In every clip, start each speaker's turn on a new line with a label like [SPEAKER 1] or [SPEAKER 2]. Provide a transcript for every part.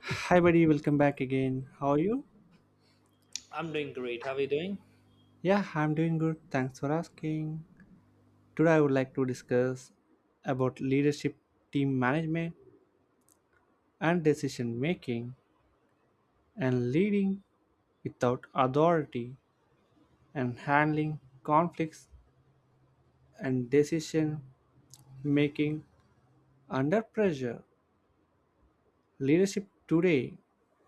[SPEAKER 1] Hi, buddy. Welcome back again. How are you?
[SPEAKER 2] I'm doing great. How are you doing?
[SPEAKER 1] Yeah, I'm doing good. Thanks for asking. Today, I would like to discuss about leadership, team management, and decision making, and leading without authority, and handling conflicts and decision making under pressure. Leadership today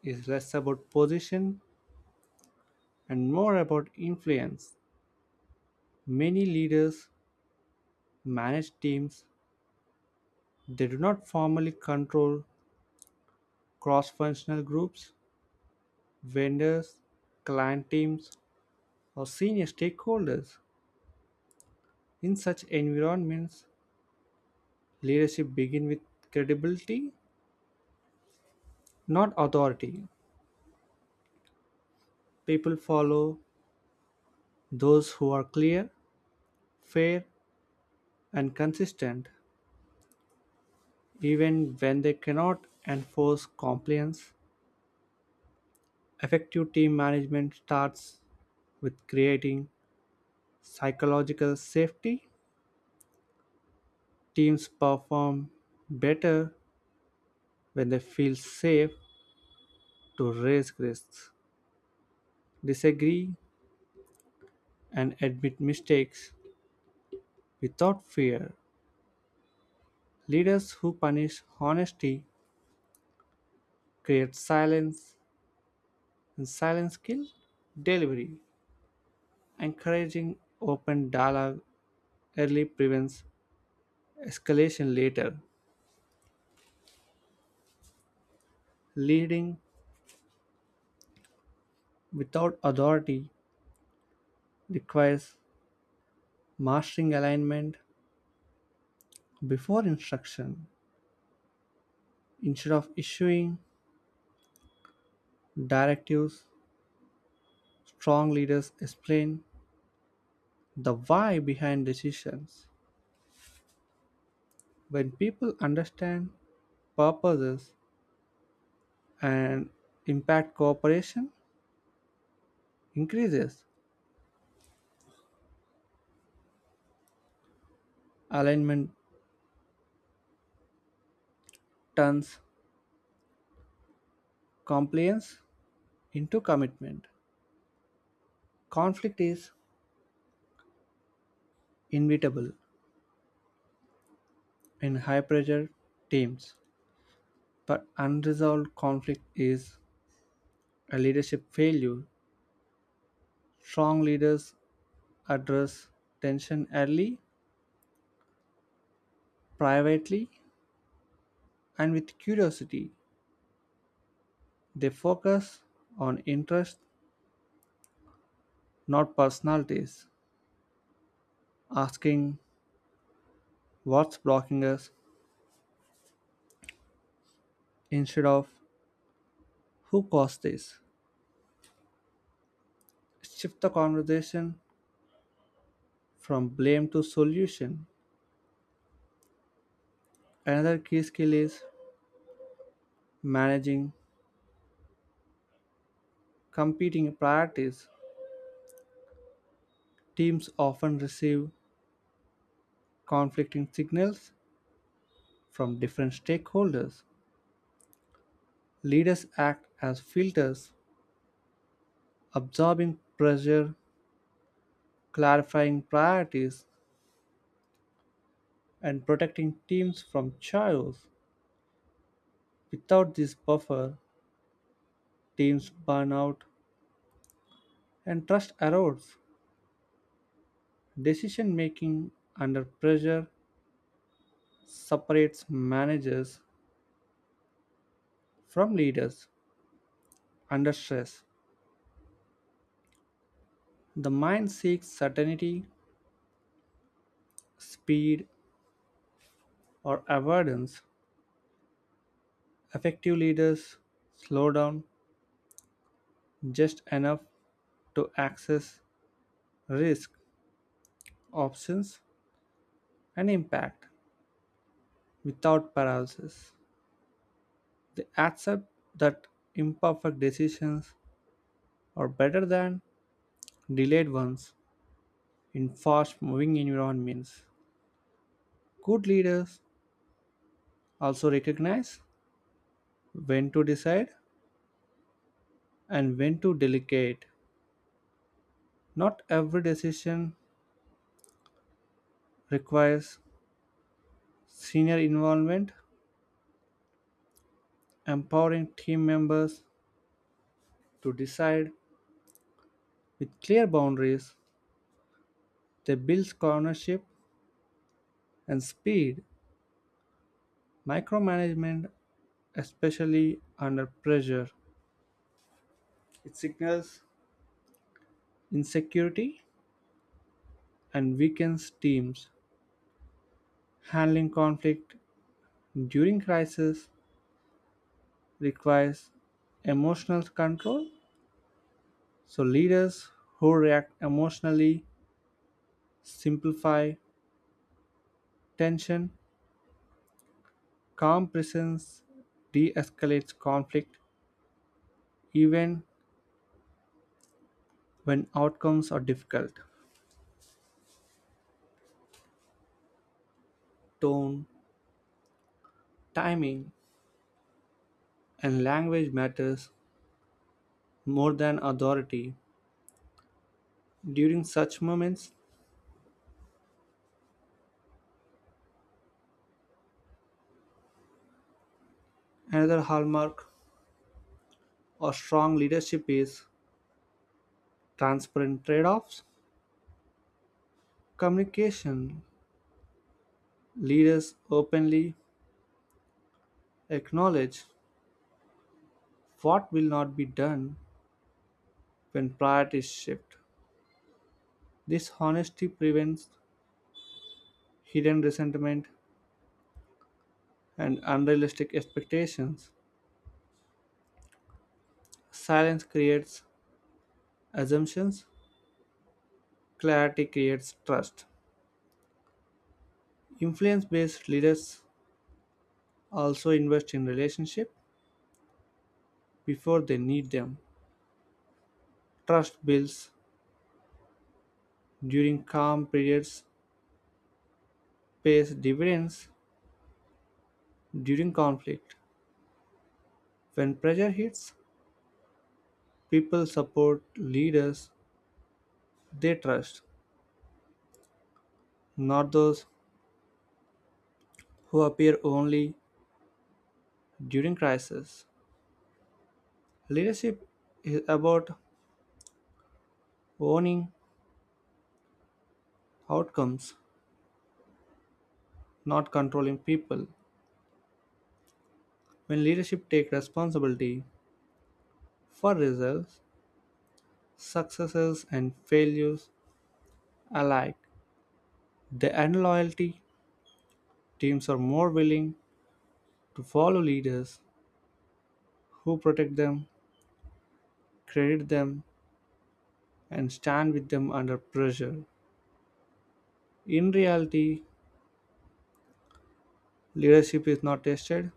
[SPEAKER 1] is less about position and more about influence. Many leaders manage teams. They do not formally control cross-functional groups, vendors, client teams, or senior stakeholders. In such environments, leadership begins with credibility, not authority. People follow those who are clear, fair, and consistent, even when they cannot enforce compliance. Effective team management starts with creating psychological safety. Teams perform better when they feel safe to raise risks, disagree, and admit mistakes without fear. Leaders who punish honesty create silence, and silence kills delivery. Encouraging open dialogue early prevents escalation later. Leading without authority requires mastering alignment before instruction. Instead of issuing directives, strong leaders explain the why behind decisions. When people understand purposes and impact, cooperation increases; alignment turns compliance into commitment. Conflict is inevitable in high pressure teams, but unresolved conflict is a leadership failure. Strong leaders address tension early, privately, and with curiosity. They focus on interest, not personalities, asking what's blocking us instead of who caused this. Shift the conversation from blame to solution. Another key skill is managing competing priorities. Teams often receive conflicting signals from different stakeholders. Leaders act as filters, absorbing pressure, clarifying priorities, and protecting teams from chaos. Without this buffer, teams burn out and trust erodes. Decision making under pressure separates managers from leaders under stress. The mind seeks certainty, speed, or avoidance. Effective leaders slow down just enough to access risk, options, and impact without paralysis. They accept that imperfect decisions are better than delayed ones in fast moving environments. Good leaders also recognize when to decide and when to delegate. Not every decision requires senior involvement, empowering team members to decide with clear boundaries. They build ownership and speed. Micromanagement, especially under pressure, it signals insecurity and weakens teams. Handling conflict during crisis requires emotional control. So, leaders who react emotionally simplify tension. Calm presence de escalates conflict even when outcomes are difficult. Tone, timing, and language matters more than authority. During such moments, another hallmark of strong leadership is transparent trade offs. Communication leaders openly acknowledge what will not be done when priorities shift. This honesty prevents hidden resentment and unrealistic expectations. Silence creates assumptions; clarity creates trust. Influence based leaders also invest in relationships before they need them. Trust builds during calm periods, pays dividends during conflict. When pressure hits, people support leaders they trust, not those who appear only during crisis. Leadership is about owning outcomes, not controlling people. When leadership takes responsibility for results, successes and failures alike, they earn loyalty. Teams are more willing to follow leaders who protect them, credit them, and stand with them under pressure. In reality, leadership is not tested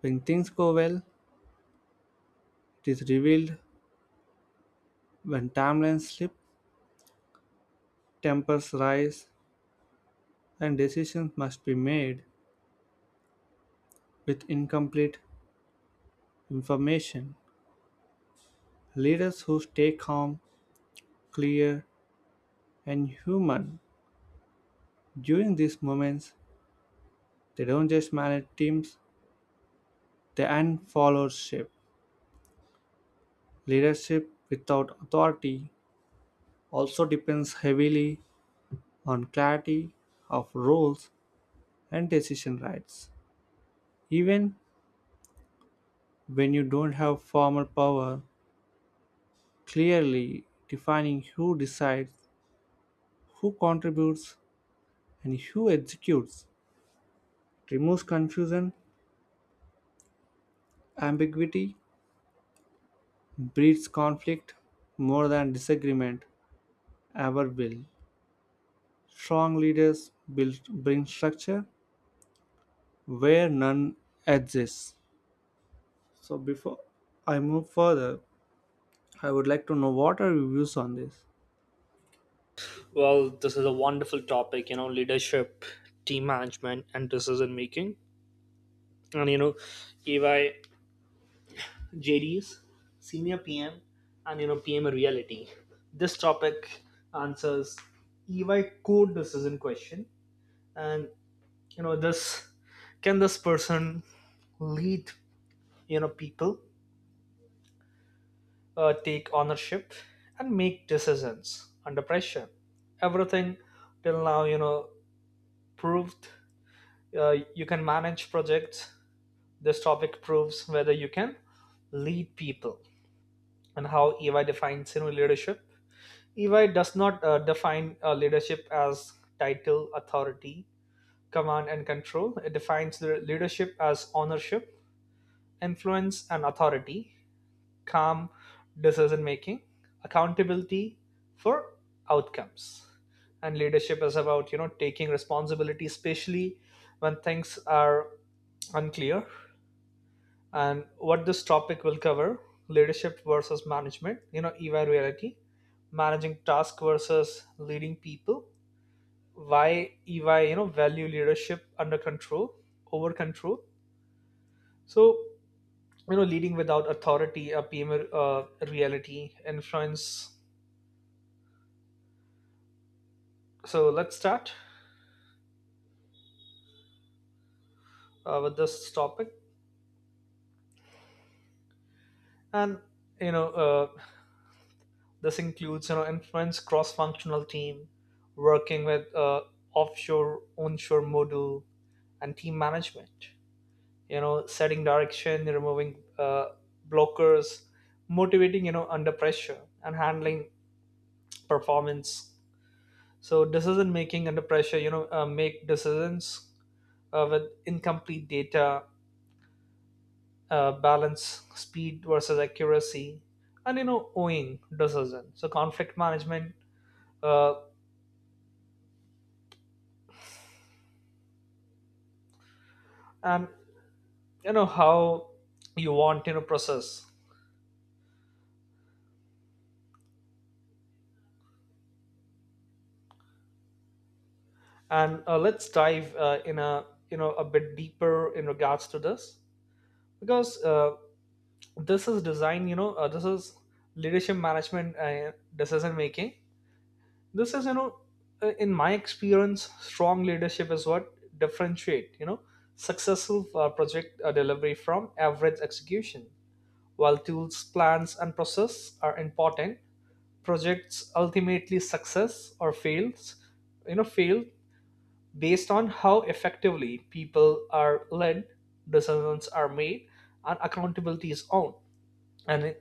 [SPEAKER 1] when things go well. It is revealed when timelines slip, tempers rise, and decisions must be made with incomplete information. Leaders who stay calm, clear, and human during these moments, they don't just manage teams, they end followership. Leadership without authority also depends heavily on clarity of roles and decision rights. Even when you don't have formal power, clearly defining who decides, who contributes, and who executes, it removes confusion. Ambiguity breeds conflict more than disagreement ever will. Strong leaders build, bring structure where none exists. So before I move further, I would like to know what are your views on this?
[SPEAKER 2] Well, this is a wonderful topic, leadership, team management, and decision making. And EY JDs, senior PM, and PM reality. This topic answers EY core decision question. And this can this person lead, people, take ownership, and make decisions under pressure? Everything till now, proved you can manage projects. This topic proves whether you can lead people and how EY defines leadership. EY does not define leadership as title, authority, command, and control. It defines the leadership as ownership, influence, and authority, calm decision making, accountability for outcomes. And leadership is about taking responsibility, especially when things are unclear. And what this topic will cover: leadership versus management, EY reality, managing task versus leading people, why EY value leadership under control over control. So leading without authority, a PM reality influence. So let's start with this topic, and you know uh, this includes, influence cross-functional team, working with offshore, onshore model, and team management. Setting direction, removing blockers, motivating, under pressure, and handling performance. So decision making under pressure, make decisions with incomplete data, balance speed versus accuracy, and owing decision. So conflict management uh, and how you want process. And let's dive in a a bit deeper in regards to this, because this is design. You know, this is leadership management, decision making. This is, in my experience, strong leadership is what differentiate successful project delivery from average execution, while tools, plans, and process are important. Projects ultimately success or fails you know fail, based on how effectively people are led, decisions are made, and accountability is owned. And in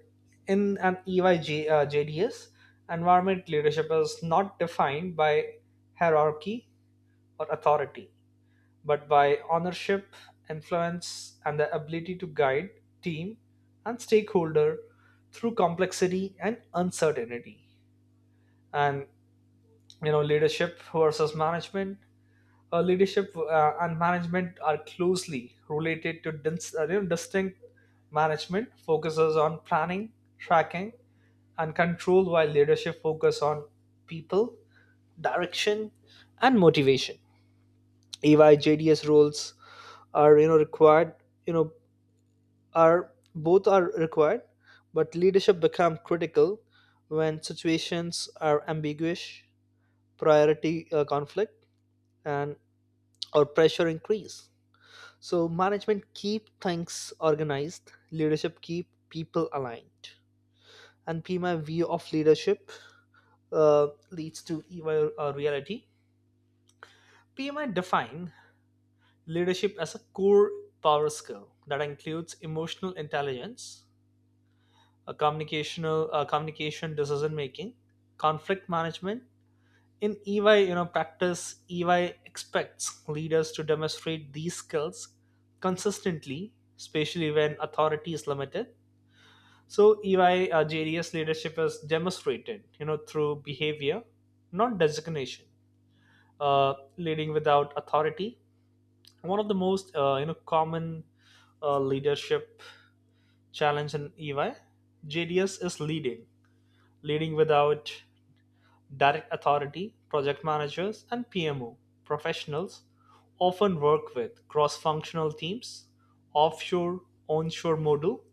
[SPEAKER 2] in an EYJ JDS environment, leadership is not defined by hierarchy or authority, but by ownership, influence, and the ability to guide team and stakeholder through complexity and uncertainty. And leadership versus management. Uh, leadership and management are closely related to distinct. Management focuses on planning, tracking, and control, while leadership focus on people, direction, and motivation. EY JDS roles are, required, you know are both are required, but leadership become critical when situations are ambiguous, priority conflict and or pressure increase. So management keep things organized, leadership keep people aligned. And PMI view of leadership leads to EY reality. PMI define leadership as a core power skill that includes emotional intelligence, a communication, decision making, conflict management. In EY, practice, EY expects leaders to demonstrate these skills consistently, especially when authority is limited. So EY JDS leadership is demonstrated, through behavior, not designation. Leading without authority. One of the most, common leadership challenge in EY, JDS is leading without direct authority. Project managers and PMO professionals often work with cross-functional teams, offshore, onshore model,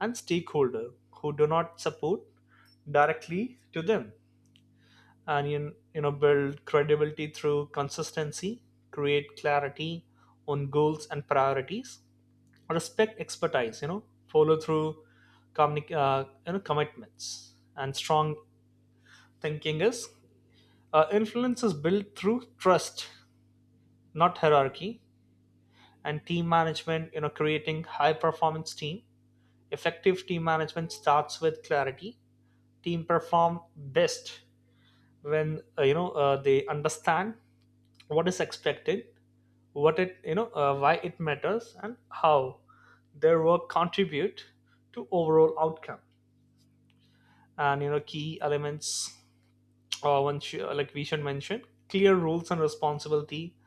[SPEAKER 2] and stakeholder who do not support directly to them. And you know build credibility through consistency, create clarity on goals and priorities, respect expertise, follow through commitments. And strong thinking is, influence is built through trust, not hierarchy. And team management, creating high performance team. Effective team management starts with clarity. Team perform best when they understand what is expected, what it you know why it matters, and how their work contribute to overall outcome. And key elements. Uh, one like we should mention: clear rules and responsibility,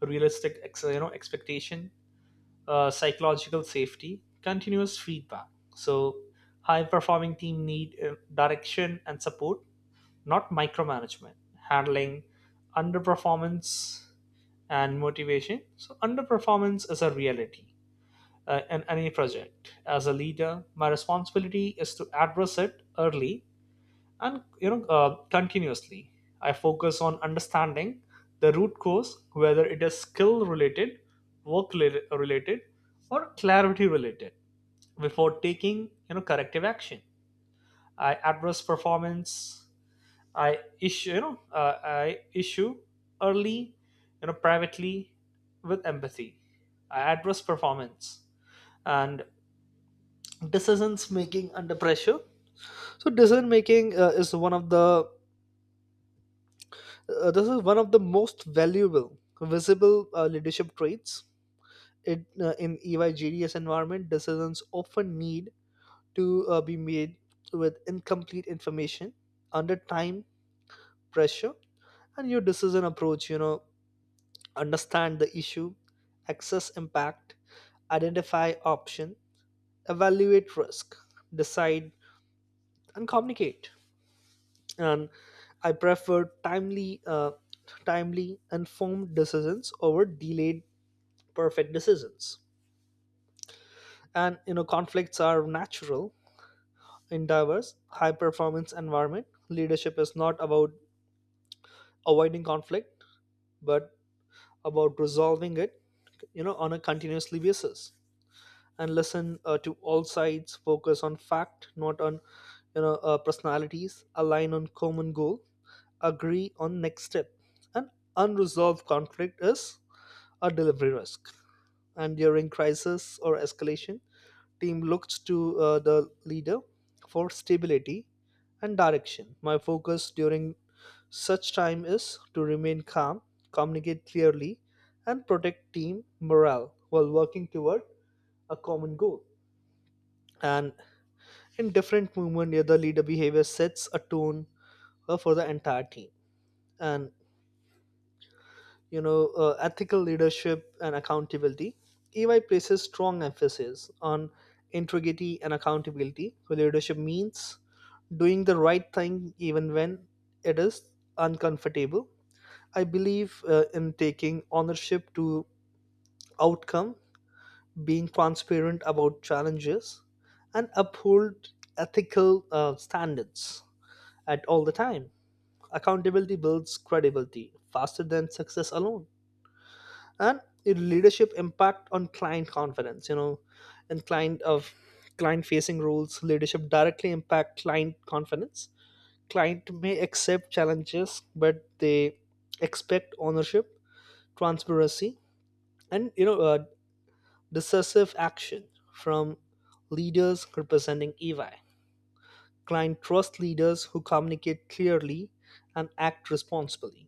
[SPEAKER 2] realistic expectation, psychological safety, continuous feedback. So high performing team need direction and support, not micromanagement. Handling underperformance and motivation. So underperformance is a reality in any project. As a leader, my responsibility is to address it early and continuously. I focus on understanding the root cause, whether it is skill related, work related, or clarity related, before taking corrective action. I address performance. I issue early, privately, with empathy. I address performance. And decisions making under pressure. So decision making is one of the this is one of the most valuable visible leadership traits. In EY GDS environment, decisions often need to be made with incomplete information, under time pressure. And your decision approach. Understand the issue, assess impact, identify option, evaluate risk, decide, and communicate. And I prefer timely, informed decisions over delayed perfect decisions. And conflicts are natural in diverse, high performance environment. Leadership is not about avoiding conflict, but about resolving it, on a continuously basis. And listen to all sides, focus on fact, not on personalities, align on common goal, agree on next step. An unresolved conflict is or delivery risk. And during crisis or escalation, team looks to the leader for stability and direction. My focus during such time is to remain calm, communicate clearly, and protect team morale while working toward a common goal. And in different movement, yeah, the leader behavior sets a tone for the entire team. And ethical leadership and accountability. EY places strong emphasis on integrity and accountability. So leadership means doing the right thing, even when it is uncomfortable. I believe in taking ownership to outcome, being transparent about challenges, and uphold ethical standards at all the time. Accountability builds credibility faster than success alone. And your leadership impact on client confidence, and client facing roles, leadership directly impact client confidence. Client may accept challenges, but they expect ownership, transparency, and decisive action from leaders representing EY. Client trust leaders who communicate clearly and act responsibly.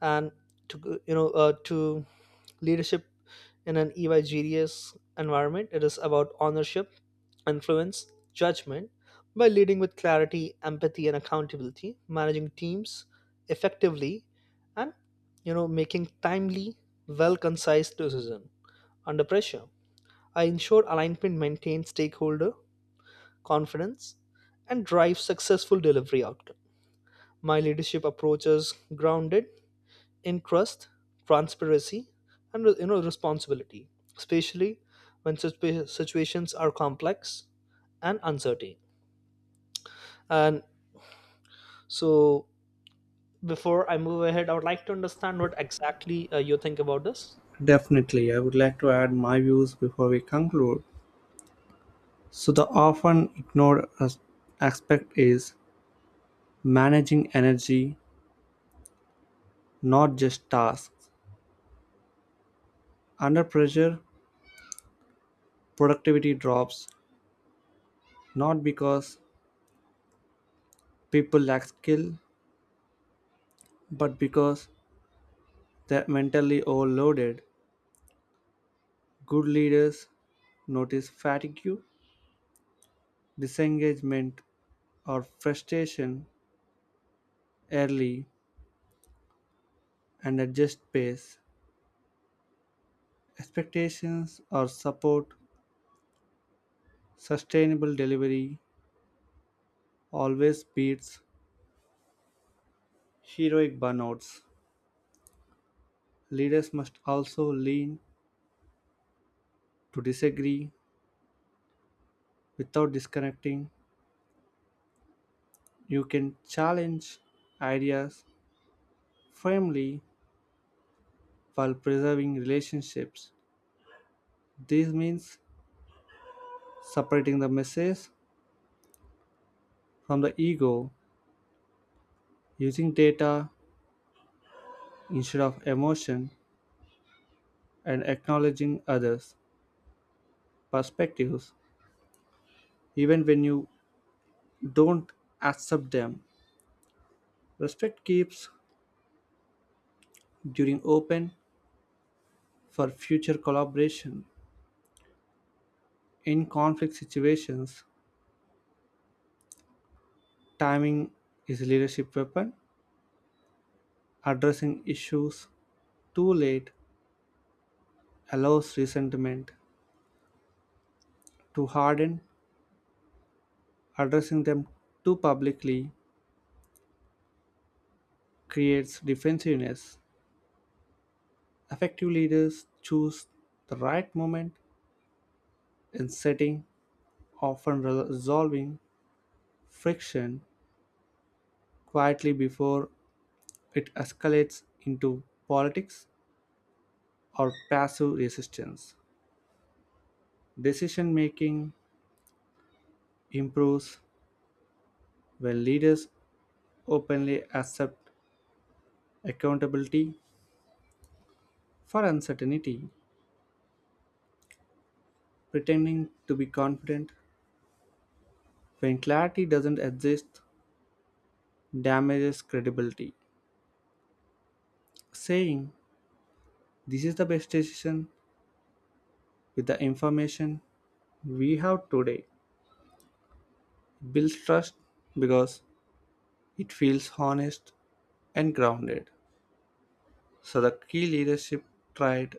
[SPEAKER 2] And to you know uh, to Leadership in an egregious environment, it is about ownership, influence, judgment. By leading with clarity, empathy, and accountability, managing teams effectively, and making timely, well-concise decision under pressure, I ensure alignment maintains stakeholder confidence and drives successful delivery outcome. My leadership approach is grounded in trust, transparency, and responsibility, especially when situations are complex and uncertain. And so, before I move ahead, I would like to understand what exactly you think about this.
[SPEAKER 1] Definitely, I would like to add my views before we conclude. So, the often ignored aspect is managing energy, not just tasks. Under pressure, productivity drops, not because people lack skill, but because they're mentally overloaded. Good leaders notice fatigue, disengagement, or frustration early and adjust pace. Expectations or support, sustainable delivery always beats heroic burnouts. Leaders must also lean to disagree without disconnecting. You can challenge ideas firmly while preserving relationships. This means separating the message from the ego, using data instead of emotion, and acknowledging others' perspectives even when you don't accept them. Respect keeps during open for future collaboration. In conflict situations, timing is a leadership weapon. Addressing issues too late allows resentment to harden; addressing them too publicly creates defensiveness. Effective leaders choose the right moment in setting, often resolving friction quietly before it escalates into politics or passive resistance. Decision making improves when leaders openly accept accountability for uncertainty. Pretending to be confident when clarity doesn't exist damages credibility. Saying, "This is the best decision with the information we have today," builds trust because it feels honest and grounded. So, the key leadership trait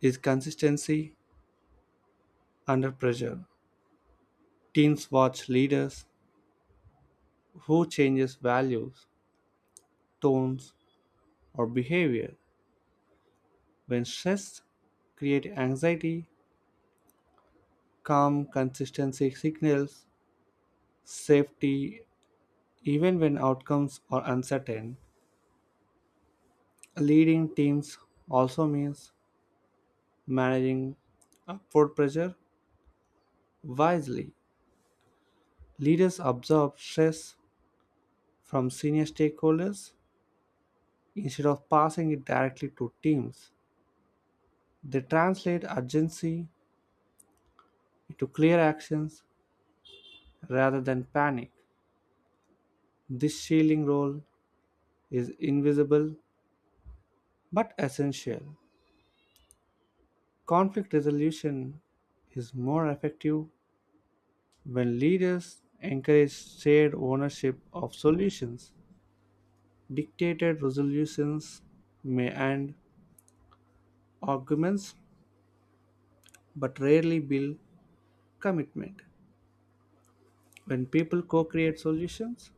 [SPEAKER 1] is consistency under pressure. Teams watch leaders who changes values, tones, or behavior. When stress create anxiety, calm consistency signals safety even when outcomes are uncertain. Leading teams also means managing upward pressure wisely. Leaders absorb stress from senior stakeholders instead of passing it directly to teams. They translate urgency into clear actions rather than panic. This shielding role is invisible but essential. Conflict resolution is more effective when leaders encourage shared ownership of solutions. Dictated resolutions may end arguments but rarely build commitment. When people co create solutions,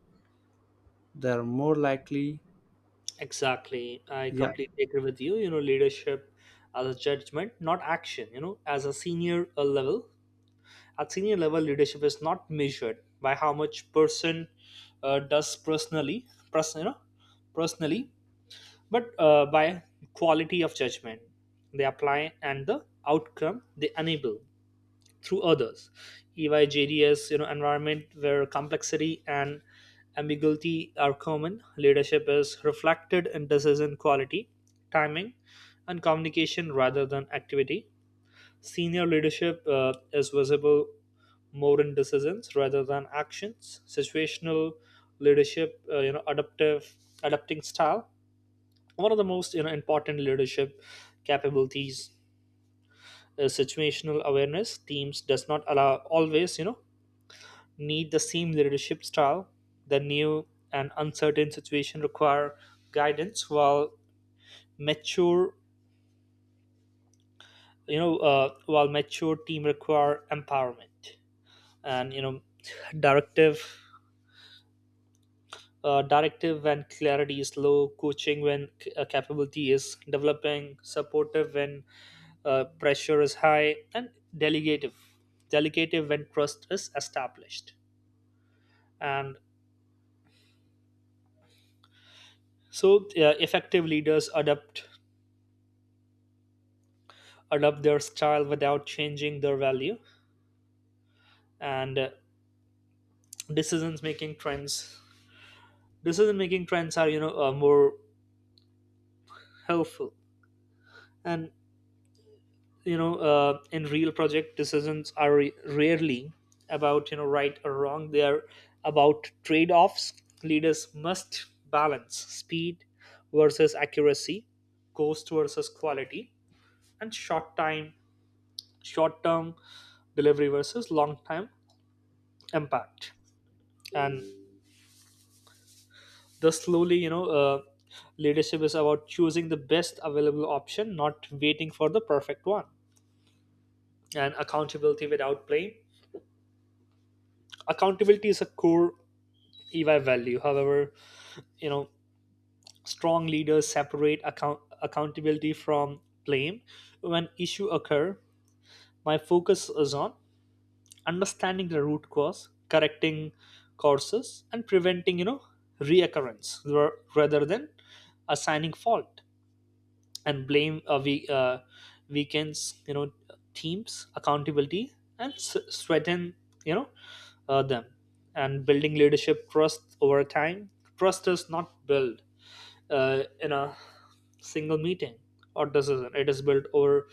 [SPEAKER 1] they are more likely.
[SPEAKER 2] Exactly. I
[SPEAKER 1] Yeah,
[SPEAKER 2] completely agree with you. Leadership as a judgment, not action. As a senior at senior level, leadership is not measured by how much person does personally, personally, but by quality of judgment they apply and the outcome they enable through others. EYJDS, environment where complexity and ambiguity are common. Leadership is reflected in decision quality, timing, and communication rather than activity. Senior leadership is visible more in decisions rather than actions. Situational leadership, adaptive adapting style, one of the most important leadership capabilities, is situational awareness. Teams does not allow always need the same leadership style. The new and uncertain situation require guidance, while mature mature team require empowerment. And directive directive when clarity is low, coaching when capability is developing, supportive when pressure is high, and delegative, delegative when trust is established. And so, effective leaders adapt their style without changing their value. And decisions making trends decision making trends are, more helpful. And in real project decisions are rarely about right or wrong. They are about trade-offs. Leaders must balance speed versus accuracy, cost versus quality, and short term delivery versus long time impact. And thus slowly, leadership is about choosing the best available option, not waiting for the perfect one. And accountability without blame. Accountability is a core EY value. However, you know, strong leaders separate accountability from blame. When issues occur, my focus is on understanding the root cause, correcting courses, and preventing, reoccurrence rather than assigning fault and blame. Uh, we uh, weekends, teams, accountability, and strengthen, you know, them, and building leadership trust over time. Trust is not built in a single meeting or decision. It is built over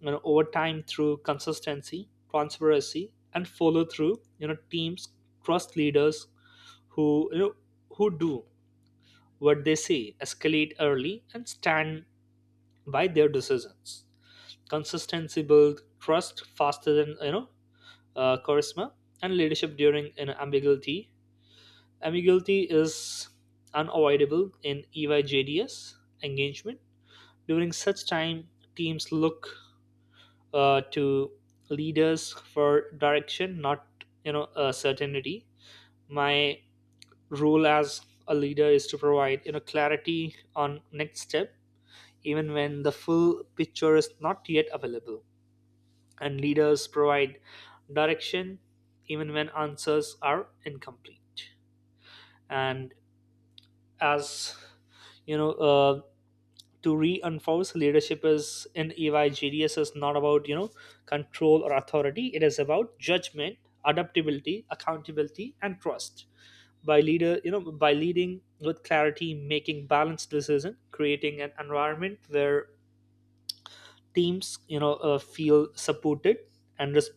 [SPEAKER 2] you know over time through consistency, transparency, and follow through. You know, teams trust leaders who you know who do what they say, escalate early, and stand by their decisions. Consistency builds trust faster than charisma. And leadership during an ambiguity. Ambiguity is unavoidable in EYJDS engagement. During such time, teams look to leaders for direction, not certainty. My role as a leader is to provide clarity on next step, even when the full picture is not yet available. And leaders provide direction, even when answers are incomplete. And as, you know, uh, to reinforce, leadership is in EY is not about control or authority. It is about judgment, adaptability, accountability, and trust. By leader, you know, by leading with clarity, making balanced decision, creating an environment where teams feel supported, and res-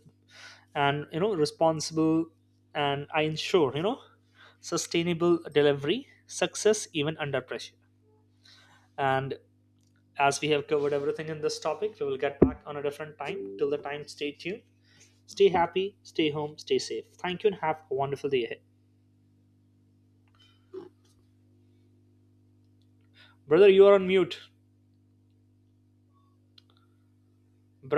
[SPEAKER 2] and responsible, and I ensure sustainable delivery, success even under pressure. And as we have covered everything in this topic, we will get back on a different time. Till the time, stay tuned, stay happy, stay home, stay safe. Thank you, and have a wonderful day ahead. Brother, you are on mute. Brother,